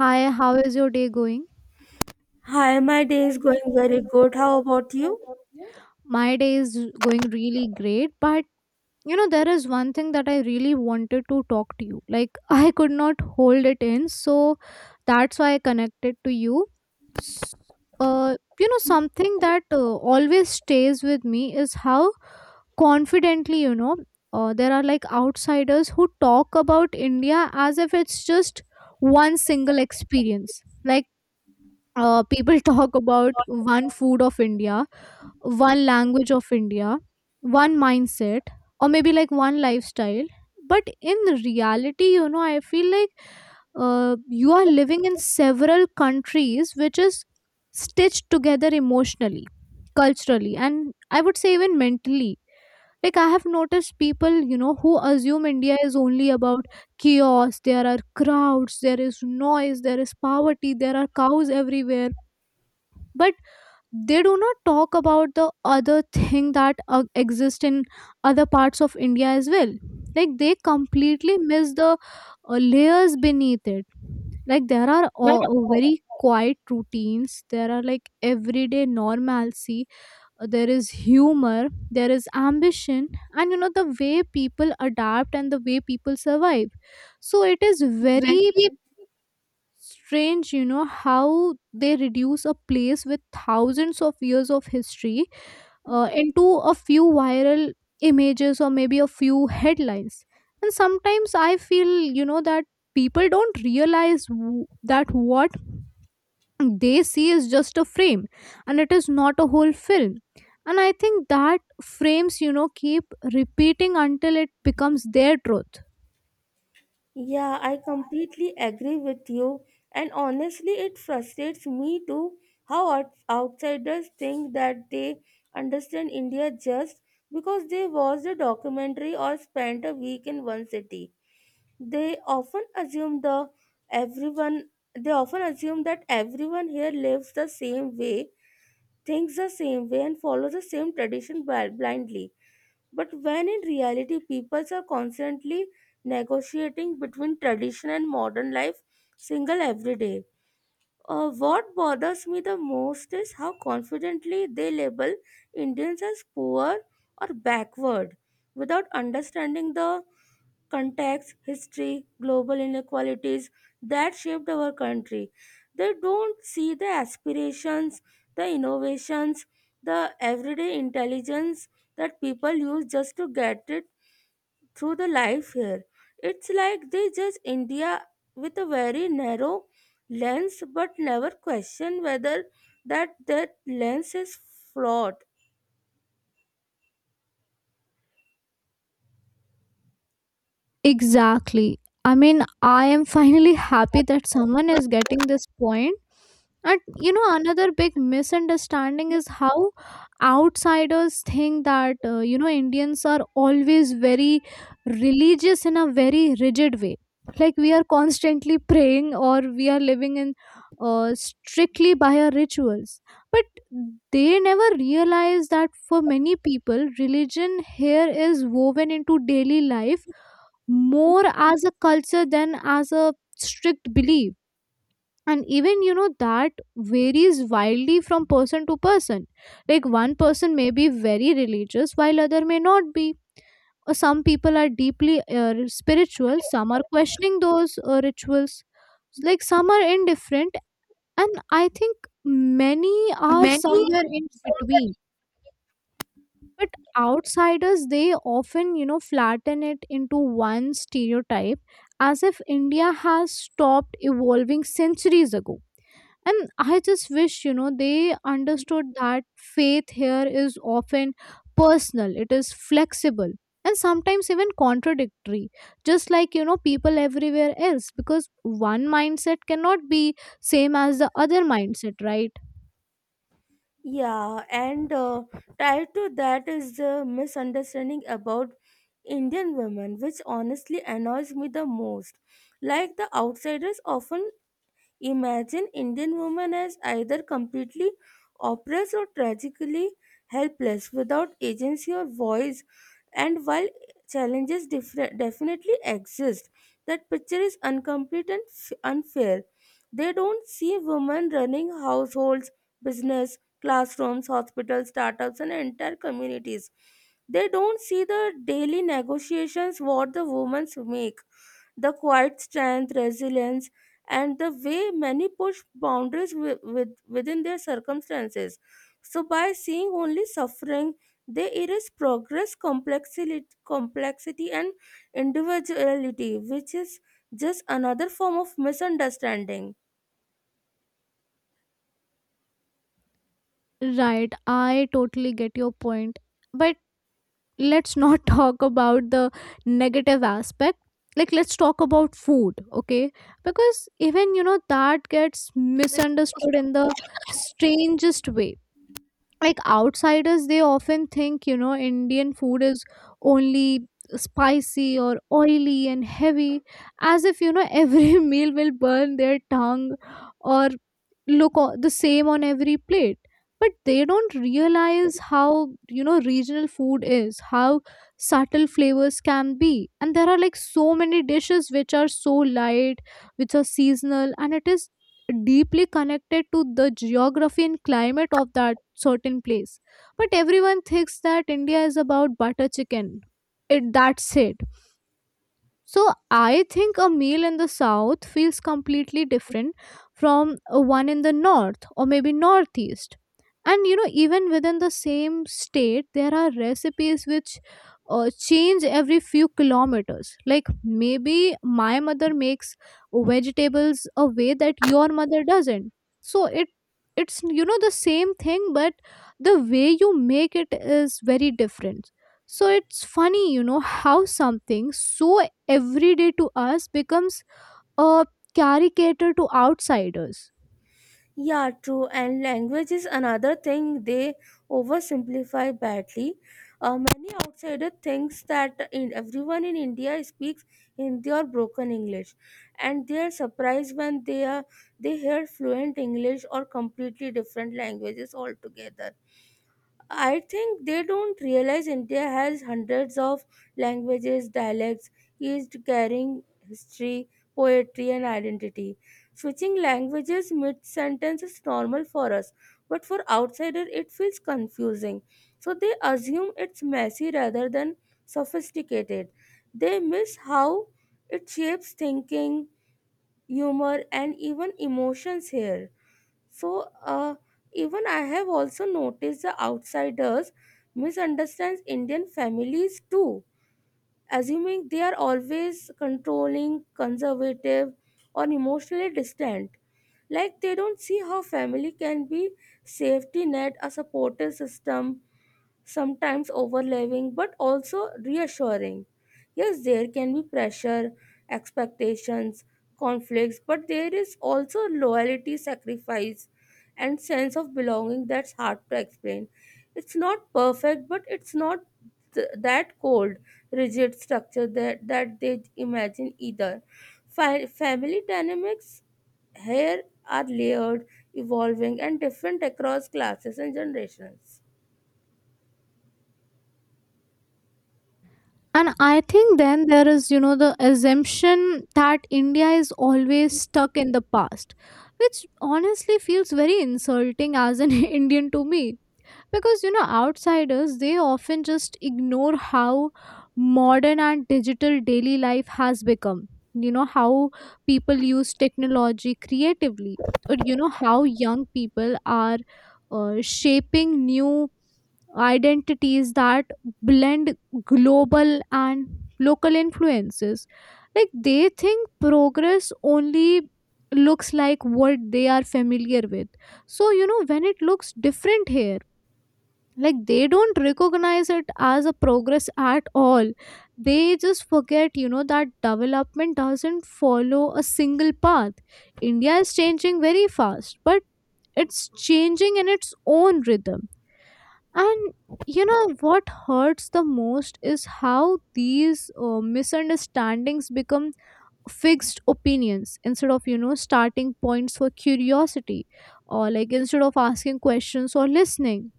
Hi, how is your day going? Hi, my day is going very good. How about you? My day is going really great, but you know, there is one thing that I really wanted to talk to you. Like, I could not hold it in, so that's why I connected to you. S- you know, something that always stays with me is how confidently, you know, there are like outsiders who talk about India as if it's just one single experience. Like, people talk about one food of India, one language of India, one mindset, or maybe like one lifestyle. But in reality, you know, I feel like you are living in several countries which is stitched together emotionally, culturally, and I would say even mentally. Like, I have noticed people, you know, who assume India is only about chaos, there are crowds, there is noise, there is poverty, there are cows everywhere, but they do not talk about the other thing that exist in other parts of India as well. Like, they completely miss the layers beneath it. Like, there are very quiet routines, there are like everyday normalcy, there is humor, there is ambition, and you know, the way people adapt and the way people survive. So it is very strange, you know, how they reduce a place with thousands of years of history into a few viral images or maybe a few headlines. And sometimes I feel, you know, that people don't realize that what they see is just a frame and it is not a whole film. And I think that frames, you know, keep repeating until it becomes their truth. Yeah, I completely agree with you. And honestly, it frustrates me too how outsiders think that they understand India just because they watched a documentary or spent a week in one city. They often assume the everyone they often assume that everyone here lives the same way, thinks the same way, and follows the same tradition blindly. But when in reality, peoples are constantly negotiating between tradition and modern life, single every day. What bothers me the most is how confidently they label Indians as poor or backward without understanding the contexts, history, global inequalities that shaped our country. They don't see the aspirations, the innovations, the everyday intelligence that people use just to get it through the life here. It's like they judge India with a very narrow lens but never question whether that lens is flawed. Exactly. I mean, I am finally happy that someone is getting this point. And you know, another big misunderstanding is how outsiders think that, you know, Indians are always very religious in a very rigid way. Like, we are constantly praying or we are living in strictly by our rituals. But they never realize that for many people, religion here is woven into daily life more as a culture than as a strict belief. And even, you know, that varies wildly from person to person. Like, one person may be very religious while other may not be, or some people are deeply spiritual, some are questioning those rituals, like some are indifferent, and I think many are somewhere in between. But outsiders, they often, you know, flatten it into one stereotype, as if India has stopped evolving centuries ago. And I just wish, you know, they understood that faith here is often personal, it is flexible, and sometimes even contradictory, just like, you know, people everywhere else, because one mindset cannot be same as the other mindset, right? Yeah, and tied to that is the misunderstanding about Indian women, which honestly annoys me the most. Like the outsiders often imagine Indian women as either completely oppressed or tragically helpless without agency or voice. And while challenges definitely exist, that picture is incomplete and unfair. They don't see women running households, business, classrooms, hospitals, startups, and entire communities. They don't see the daily negotiations what the women make, the quiet strength, resilience, and the way many push boundaries within their circumstances. So, by seeing only suffering, they erase progress, complexity and individuality, which is just another form of misunderstanding. Right, I totally get your point. But let's not talk about the negative aspect. Like, let's talk about food, okay? Because even, you know, that gets misunderstood in the strangest way. Like, outsiders, they often think, you know, Indian food is only spicy or oily and heavy, as if, you know, every meal will burn their tongue or the same on every plate. But they don't realize how, you know, regional food is, how subtle flavors can be, and there are like so many dishes which are so light, which are seasonal, and it is deeply connected to the geography and climate of that certain place. But everyone thinks that India is about butter chicken. It that's it. So I think a meal in the south feels completely different from one in the north or maybe northeast. And you know, even within the same state, there are recipes which change every few kilometers. Like, maybe my mother makes vegetables a way that your mother doesn't. So it's you know, the same thing, but the way you make it is very different. So it's funny, you know, how something so every day to us becomes a caricature to outsiders. Yeah, true. And language is another thing they oversimplify badly. Many outsider thinks that everyone in India speaks Hindi or broken English, and they are surprised when they hear fluent English or completely different languages altogether. I think they don't realize India has hundreds of languages, dialects, each carrying history, poetry, and identity. Switching languages mid sentence is normal for us, but for outsiders it feels confusing. So they assume it's messy rather than sophisticated. They miss how it shapes thinking, humor, and even emotions here. So, even I have also noticed the outsiders misunderstands Indian families too, assuming they are always controlling, conservative, or emotionally distant. Like they don't see how family can be safety net, a supportive system, sometimes overwhelming but also reassuring. Yes, there can be pressure, expectations, conflicts, but there is also loyalty, sacrifice, and sense of belonging that's hard to explain. It's not perfect, but it's not that cold, rigid structure that they imagine either. Family dynamics here are layered, evolving, and different across classes and generations. And I think then there is, you know, the assumption that India is always stuck in the past, which honestly feels very insulting as an Indian to me, because you know, outsiders, they often just ignore how modern and digital daily life has become, you know, how people use technology creatively, or you know, how young people are shaping new identities that blend global and local influences. Like, they think progress only looks like what they are familiar with. So you know, when it looks different here, like, they don't recognize it as a progress at all. They just forget, you know, that development doesn't follow a single path. India is changing very fast, but it's changing in its own rhythm. And you know what hurts the most is how these misunderstandings become fixed opinions instead of, you know, starting points for curiosity, or like, instead of asking questions or listening.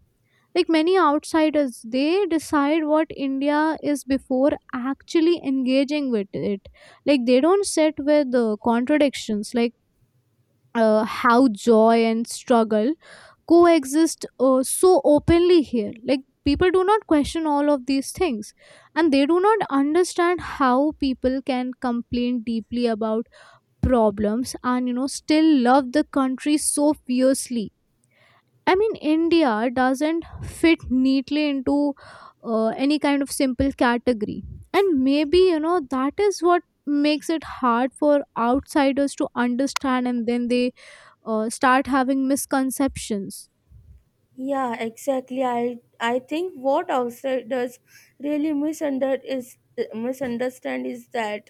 Like, many outsiders, they decide what India is before actually engaging with it. Like, they don't sit with the contradictions, like how joy and struggle coexist so openly here. Like, people do not question all of these things, and they do not understand how people can complain deeply about problems and, you know, still love the country so fiercely. I mean, India doesn't fit neatly into any kind of simple category. And maybe, you know, that is what makes it hard for outsiders to understand, and then they start having misconceptions. Yeah, exactly. I think what outsiders really misunderstand is that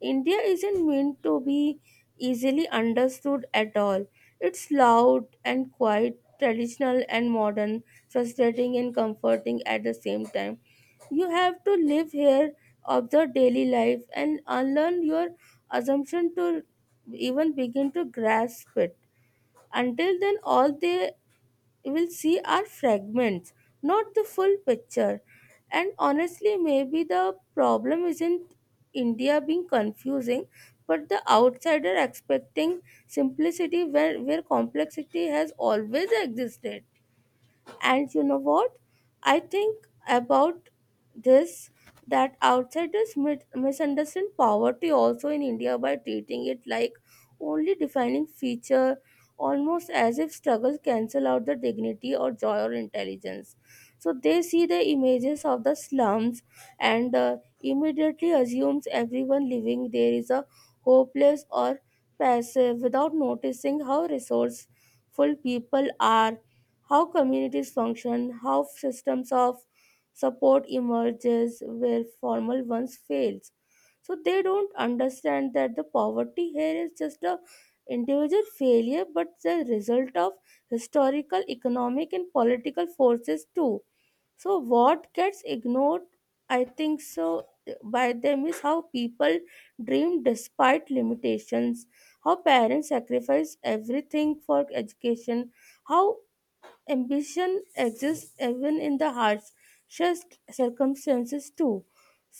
India isn't meant to be easily understood at all. It's loud and quiet, traditional and modern, frustrating and comforting at the same time. You have to live here, observe daily life, and unlearn your assumption to even begin to grasp it. Until then, all they we'll see are fragments, not the full picture. And honestly, maybe the problem isn't India being confusing, but the outsider expecting simplicity where complexity has always existed. And you know what? I think about this that outsiders misunderstand poverty also in India by treating it like only defining feature, almost as if struggles cancel out the dignity or joy or intelligence. So they see the images of the slums and immediately assumes everyone living there is a hopeless or passive without noticing how resourceful people are, how communities function, how systems of support emerges where formal ones fails. So they don't understand that the poverty here is just a individual failure but the result of historical, economic and political forces too. So, what gets ignored, I think so, by them is how people dream despite limitations, how parents sacrifice everything for education, how ambition exists even in the harshest circumstances too.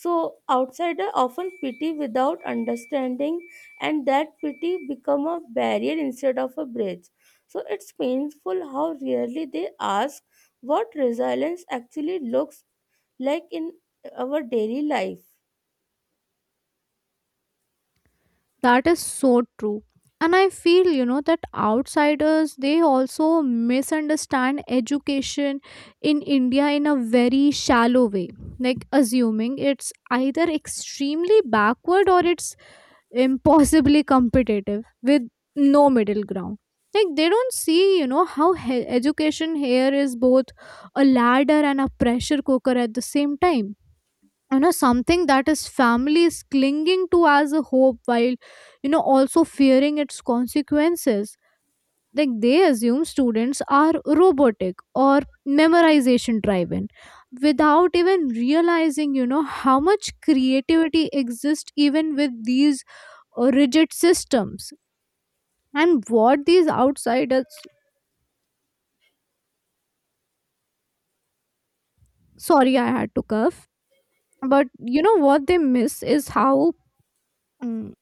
So outsiders often pity without understanding, and that pity become a barrier instead of a bridge. So it's painful how rarely they ask what resilience actually looks like in our daily life. That is so true. And I feel, you know, that outsiders, they also misunderstand education in India in a very shallow way. Like, assuming it's either extremely backward or it's impossibly competitive with no middle ground. Like, they don't see, you know, how education here is both a ladder and a pressure cooker at the same time, you know, something that is family is clinging to as a hope while, you know, also fearing its consequences. Like, they assume students are robotic or memorization driven, without even realizing, you know, how much creativity exists even with these or rigid systems. And what these outsiders, sorry, I had to cough, but you know what they miss is how, mm,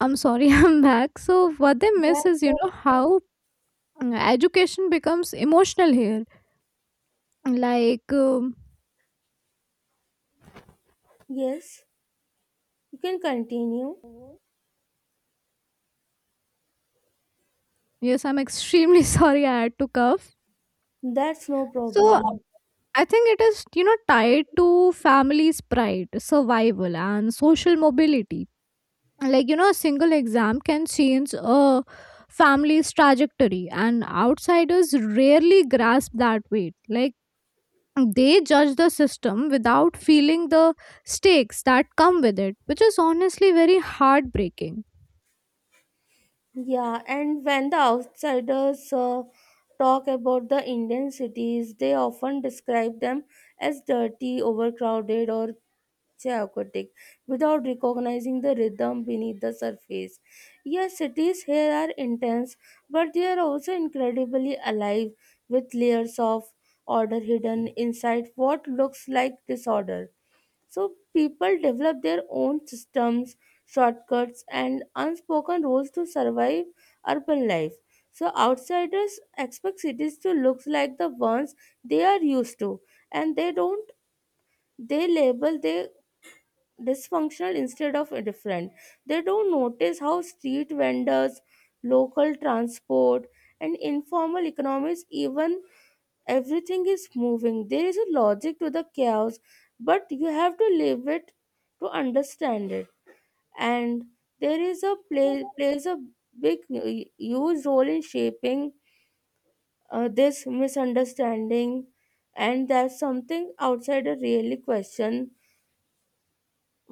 I'm sorry, I'm back. So, what they miss is, you That's know, how education becomes emotional here. Like, yes, you can continue. yes, I'm extremely sorry, I had to cough. That's no problem. So, I think it is, you know, tied to family's pride, survival, and social mobility. Like, you know, a single exam can change a family's trajectory, and outsiders rarely grasp that weight. Like, they judge the system without feeling the stakes that come with it, which is honestly very heartbreaking. Yeah, and when the outsiders talk about the Indian cities, they often describe them as dirty, overcrowded, or chaotic without recognizing the rhythm beneath the surface. Yes, cities here are intense, but they are also incredibly alive with layers of order hidden inside what looks like disorder. So people develop their own systems, shortcuts, and unspoken rules to survive urban life. So outsiders expect cities to look like the ones they are used to, and they don't. They label they dysfunctional instead of different. They don't notice how street vendors, local transport, and informal economies, even everything is moving, there is a logic to the chaos, but you have to live it to understand it. And there is a plays a big huge role in shaping this misunderstanding, and that's something outsider really question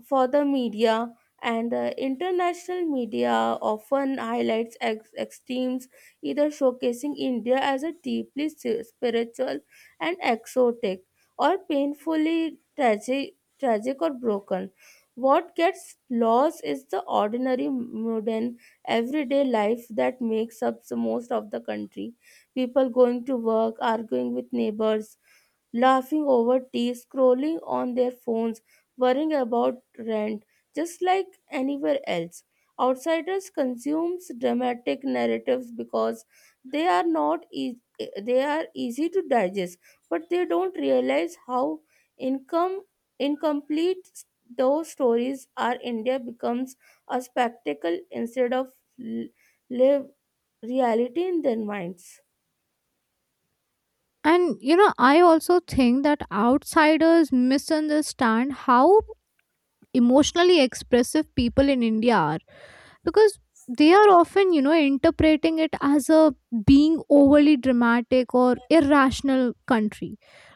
for the media. And the international media often highlights extremes, either showcasing india as a deeply spiritual and exotic or painfully tragic or broken. What gets lost is the ordinary modern everyday life that makes up the most of the country. People going to work, arguing with neighbors, laughing over tea, scrolling on their phones, worrying about rent, just like anywhere else. Outsiders consumes dramatic narratives because they are not e- they are easy to digest, but they don't realize how income incomplete those stories are. India becomes a spectacle instead of l- live reality in their minds. And you know, I also think that outsiders misunderstand how emotionally expressive people in India are, because they are often, you know, interpreting it as a being overly dramatic or irrational country.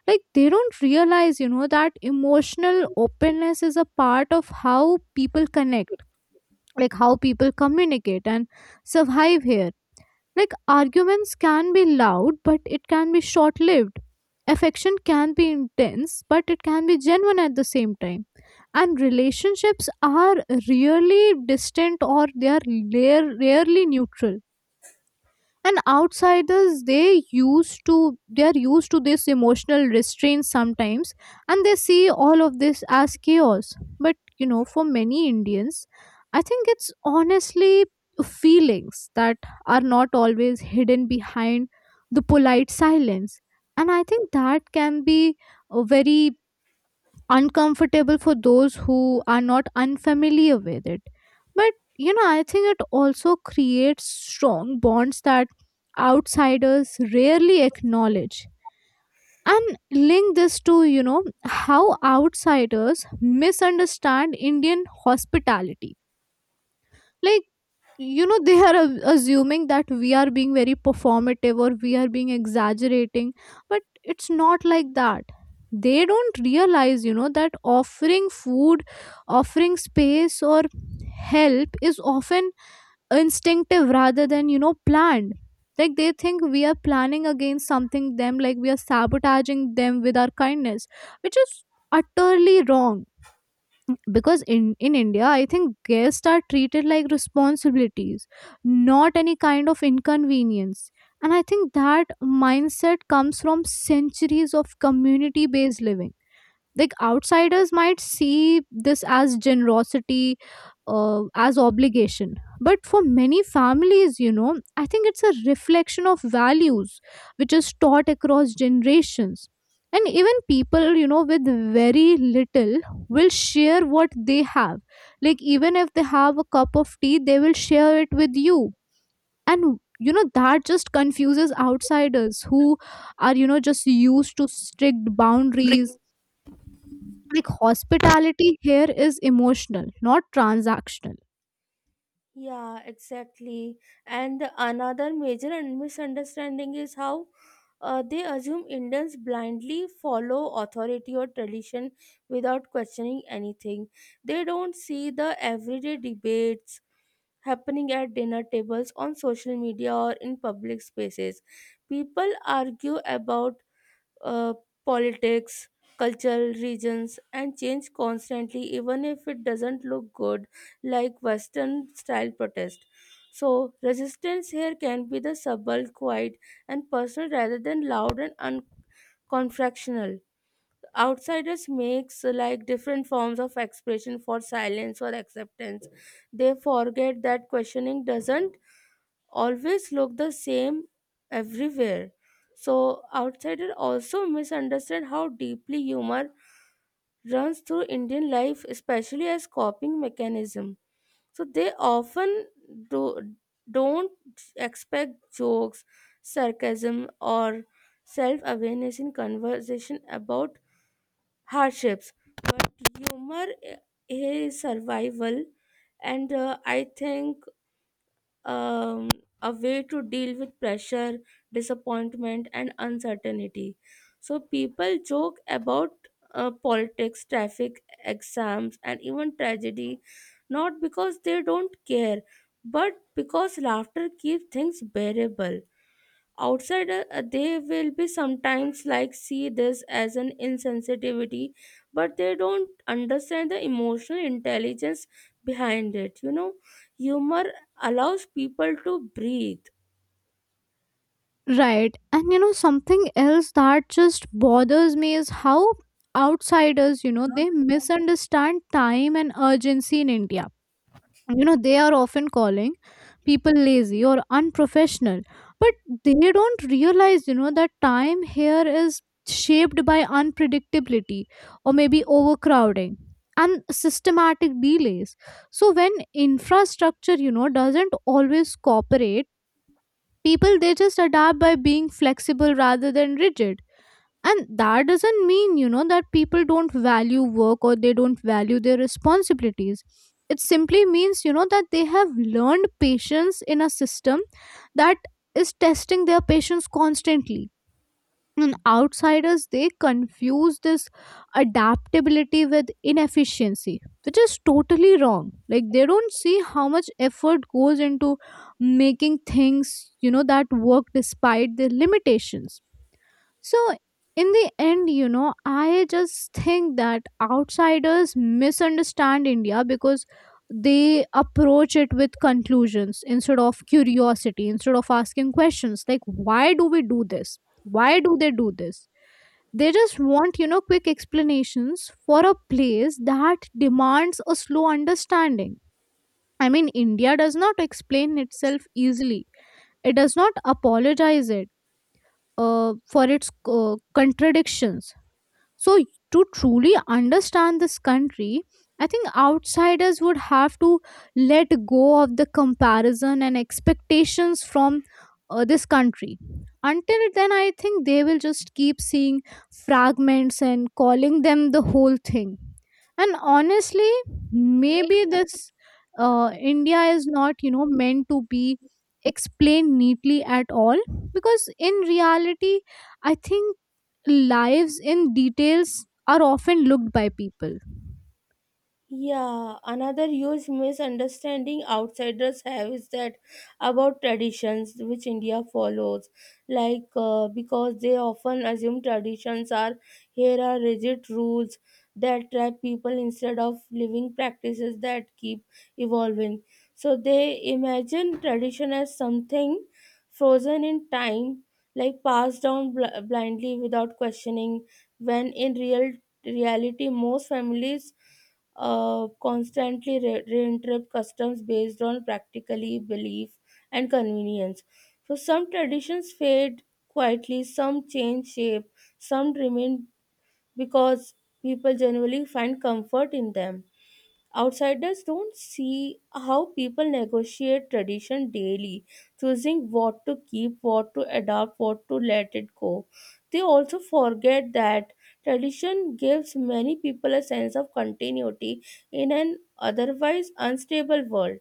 Like, they don't realize, you know, that emotional openness is a part of how people connect, like how people communicate and survive here. Like, arguments can be loud, but it can be short lived. Affection can be intense, but it can be genuine at the same time. And relationships are rarely distant, or they are rarely neutral. And outsiders, they are used to this emotional restraint sometimes, and they see all of this as chaos. But you know, for many Indians, I think it's honestly feelings that are not always hidden behind the polite silence. And I think that can be very uncomfortable for those who are not unfamiliar with it. But you know, I think it also creates strong bonds that outsiders rarely acknowledge. And link this to, you know, how outsiders misunderstand Indian hospitality. Like, you know, they are assuming that we are being very performative or we are being exaggerating, but it's not like that. They don't realize, you know, that offering food, offering space, or help is often instinctive rather than, you know, planned. Like, they think we are planning against something them, like we are sabotaging them with our kindness, which is utterly wrong. Because in India, I think guests are treated like responsibilities, not any kind of inconvenience. And I think that mindset comes from centuries of community based living. Like, outsiders might see this as generosity, as obligation, but for many families, you know, I think it's a reflection of values which is taught across generations. And even people, you know, with very little will share what they have. Like, even if they have a cup of tea, they will share it with you. And you know, that just confuses outsiders who are, you know, just used to strict boundaries. Like, hospitality here is emotional, not transactional. Yeah, exactly. And another major misunderstanding is how they assume Indians blindly follow authority or tradition without questioning anything. They don't see the everyday debates happening at dinner tables, on social media, or in public spaces. People argue about uh, politics, cultural regions, and change constantly, even if it doesn't look good like Western style protest. So, resistance here can be the subtle, quiet, and personal rather than loud and unconfectional. Outsiders makes like different forms of expression for silence or acceptance. They forget that questioning doesn't always look the same everywhere. So outsiders also misunderstand how deeply humor runs through Indian life, especially as coping mechanism. So they often do don't expect jokes, sarcasm, or self-awareness in conversation about hardships. But humor is survival, and I think um, a way to deal with pressure, disappointment, and uncertainty. So people joke about politics, traffic, exams, and even tragedy, not because they don't care, but because laughter keeps things bearable. Outside they will be sometimes like see this as an insensitivity, but they don't understand the emotional intelligence behind it, you know, humor allows people to breathe. Right. And you know, something else that just bothers me is how outsiders, you know, they misunderstand time and urgency in India. You know, they are often calling people lazy or unprofessional, but they don't realize that time here is shaped by unpredictability, or maybe overcrowding and systematic delays. So when infrastructure doesn't always cooperate, people they just adapt by being flexible rather than rigid. And that doesn't mean, that people don't value work or they don't value their responsibilities. It simply means, that they have learned patience in a system that is testing their patience constantly. And outsiders, they confuse this adaptability with inefficiency, which is totally wrong. Like, they don't see how much effort goes into making things that work despite their limitations. So, in the end, I just think that outsiders misunderstand India because they approach it with conclusions instead of curiosity, instead of asking questions like, why do we do this? Why do they do this? They just want quick explanations for a place that demands a slow understanding. I mean, India does not explain itself easily, it does not apologize it for its contradictions. So, to truly understand this country, I think outsiders would have to let go of the comparison and expectations from this country. Until then, I think they will just keep seeing fragments and calling them the whole thing. And honestly, maybe this India is not, meant to be explained neatly at all, because in reality, I think lives in details are often looked by people. Yeah, another huge misunderstanding outsiders have is that about traditions which India follows, like because they often assume traditions are here are rigid rules that trap people instead of living practices that keep evolving. So they imagine tradition as something frozen in time, like passed down blindly without questioning, when in reality most families constantly reinterrupt customs based on practically belief and convenience. So some traditions fade quietly, some change shape, some remain because people generally find comfort in them. Outsiders don't see how people negotiate tradition daily, choosing what to keep, what to adopt, what to let it go. They also forget that tradition gives many people a sense of continuity in an otherwise unstable world.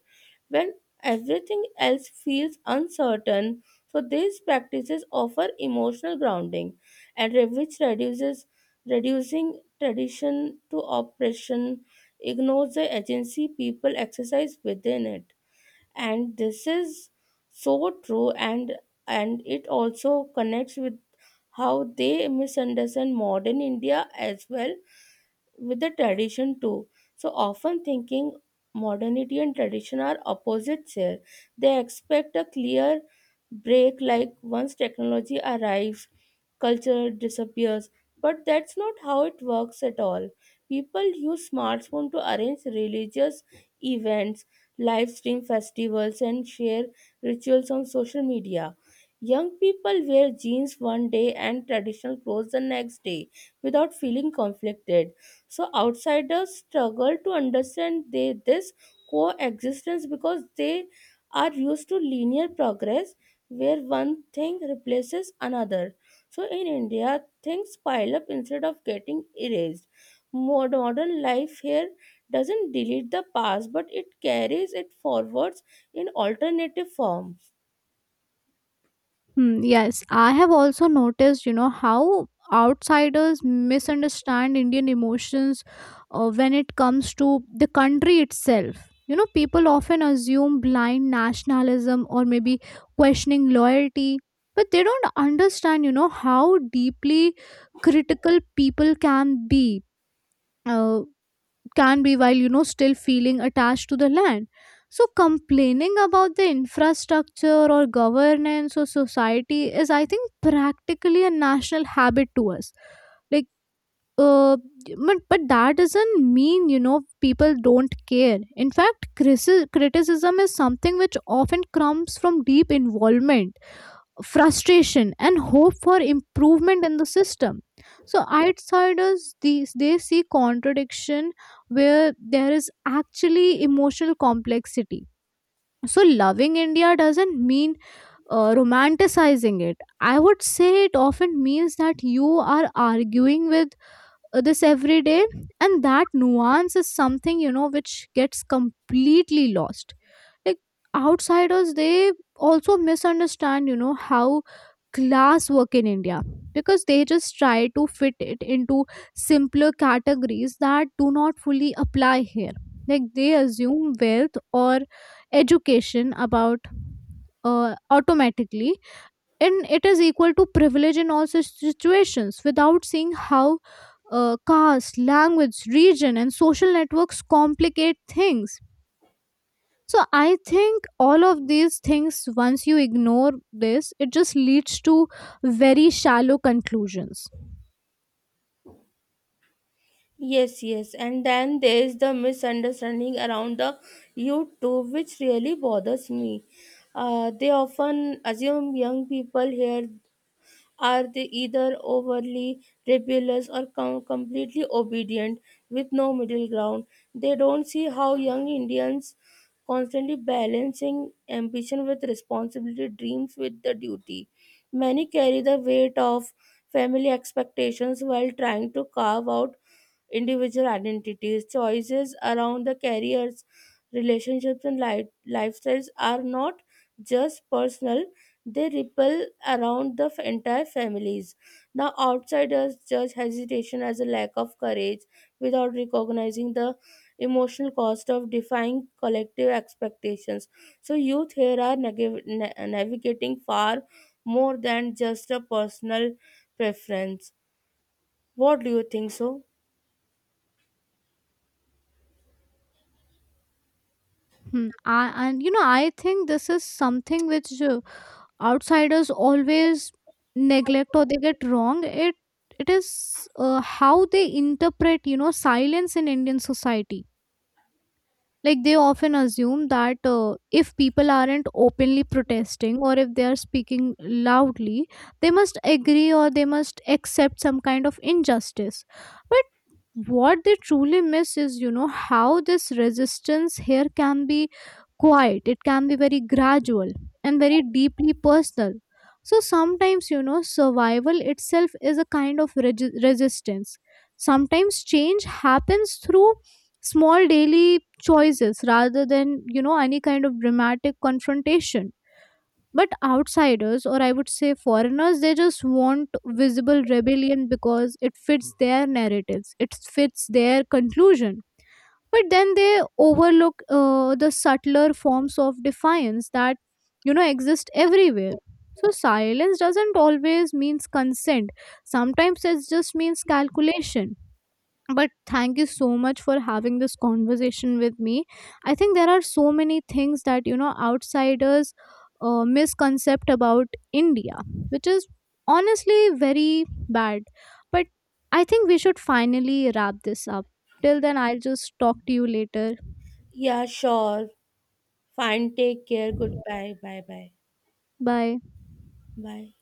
When everything else feels uncertain, so these practices offer emotional grounding, and which reduces reducing tradition to oppression ignores the agency people exercise within it. And this is so true, and it also connects with how they misunderstand modern india as well with the tradition too. So often thinking modernity and tradition are opposites here. They expect a clear break, like once technology arrives, culture disappears. But that's not how it works at all. People use smartphone to arrange religious events, live stream festivals and share rituals on social media. Young people wear jeans one day and traditional clothes the next day without feeling conflicted. So outsiders struggle to understand this coexistence because they are used to linear progress where one thing replaces another. So in India, things pile up instead of getting erased. Modern life here doesn't delete the past but it carries it forwards in alternative forms. Hmm, yes, I have also noticed, how outsiders misunderstand Indian emotions when it comes to the country itself. You know, people often assume blind nationalism, or maybe questioning loyalty, but they don't understand, how deeply critical people can be. Uh, can be while still feeling attached to the land. So complaining about the infrastructure or governance or society is, I think, practically a national habit to us. Like, uh, but that doesn't mean people don't care. In fact, criticism is something which often comes from deep involvement, frustration and hope for improvement in the system. So outsiders these, they see contradiction where there is actually emotional complexity. So loving India doesn't mean romanticizing it. I would say it often means that you are arguing with this every day, and that nuance is something which gets completely lost. Like, outsiders they also misunderstand how class work in India, because they just try to fit it into simpler categories that do not fully apply here. Like, they assume wealth or education about automatically, and it is equal to privilege in all such situations without seeing how caste, language, region and social networks complicate things. So I think all of these things, once you ignore this, it just leads to very shallow conclusions. Yes, yes. And then there is the misunderstanding around the YouTube, which really bothers me. They often assume young people here are they either overly rebellious or completely obedient with no middle ground. They don't see how young Indians constantly balancing ambition with responsibility, dreams with the duty. Many carry the weight of family expectations while trying to carve out individual identities. Choices around the careers, relationships, and lifestyles are not just personal, they ripple around the entire families. Now, outsiders judge hesitation as a lack of courage without recognizing the emotional cost of defying collective expectations. So, youth here are navigating far more than just a personal preference. What do you think so? Hmm. And you know, I think this is something which outsiders always neglect or they get wrong. It is how they interpret, silence in Indian society. Like, they often assume that if people aren't openly protesting, or if they are speaking loudly, they must agree or they must accept some kind of injustice. But what they truly miss is how this resistance here can be quiet, it can be very gradual and very deeply personal. So sometimes survival itself is a kind of resistance. Sometimes change happens through small daily choices rather than any kind of dramatic confrontation. But outsiders, or I would say foreigners, they just want visible rebellion because it fits their narratives, it fits their conclusion. But then they overlook the subtler forms of defiance that exist everywhere. So silence doesn't always means consent, sometimes it just means calculation. But thank you so much for having this conversation with me. I think there are so many things that, outsiders misconcept about India, which is honestly very bad. But I think we should finally wrap this up. Till then, I'll just talk to you later. Yeah, sure. Fine. Take care. Goodbye. Bye bye. Bye. Bye.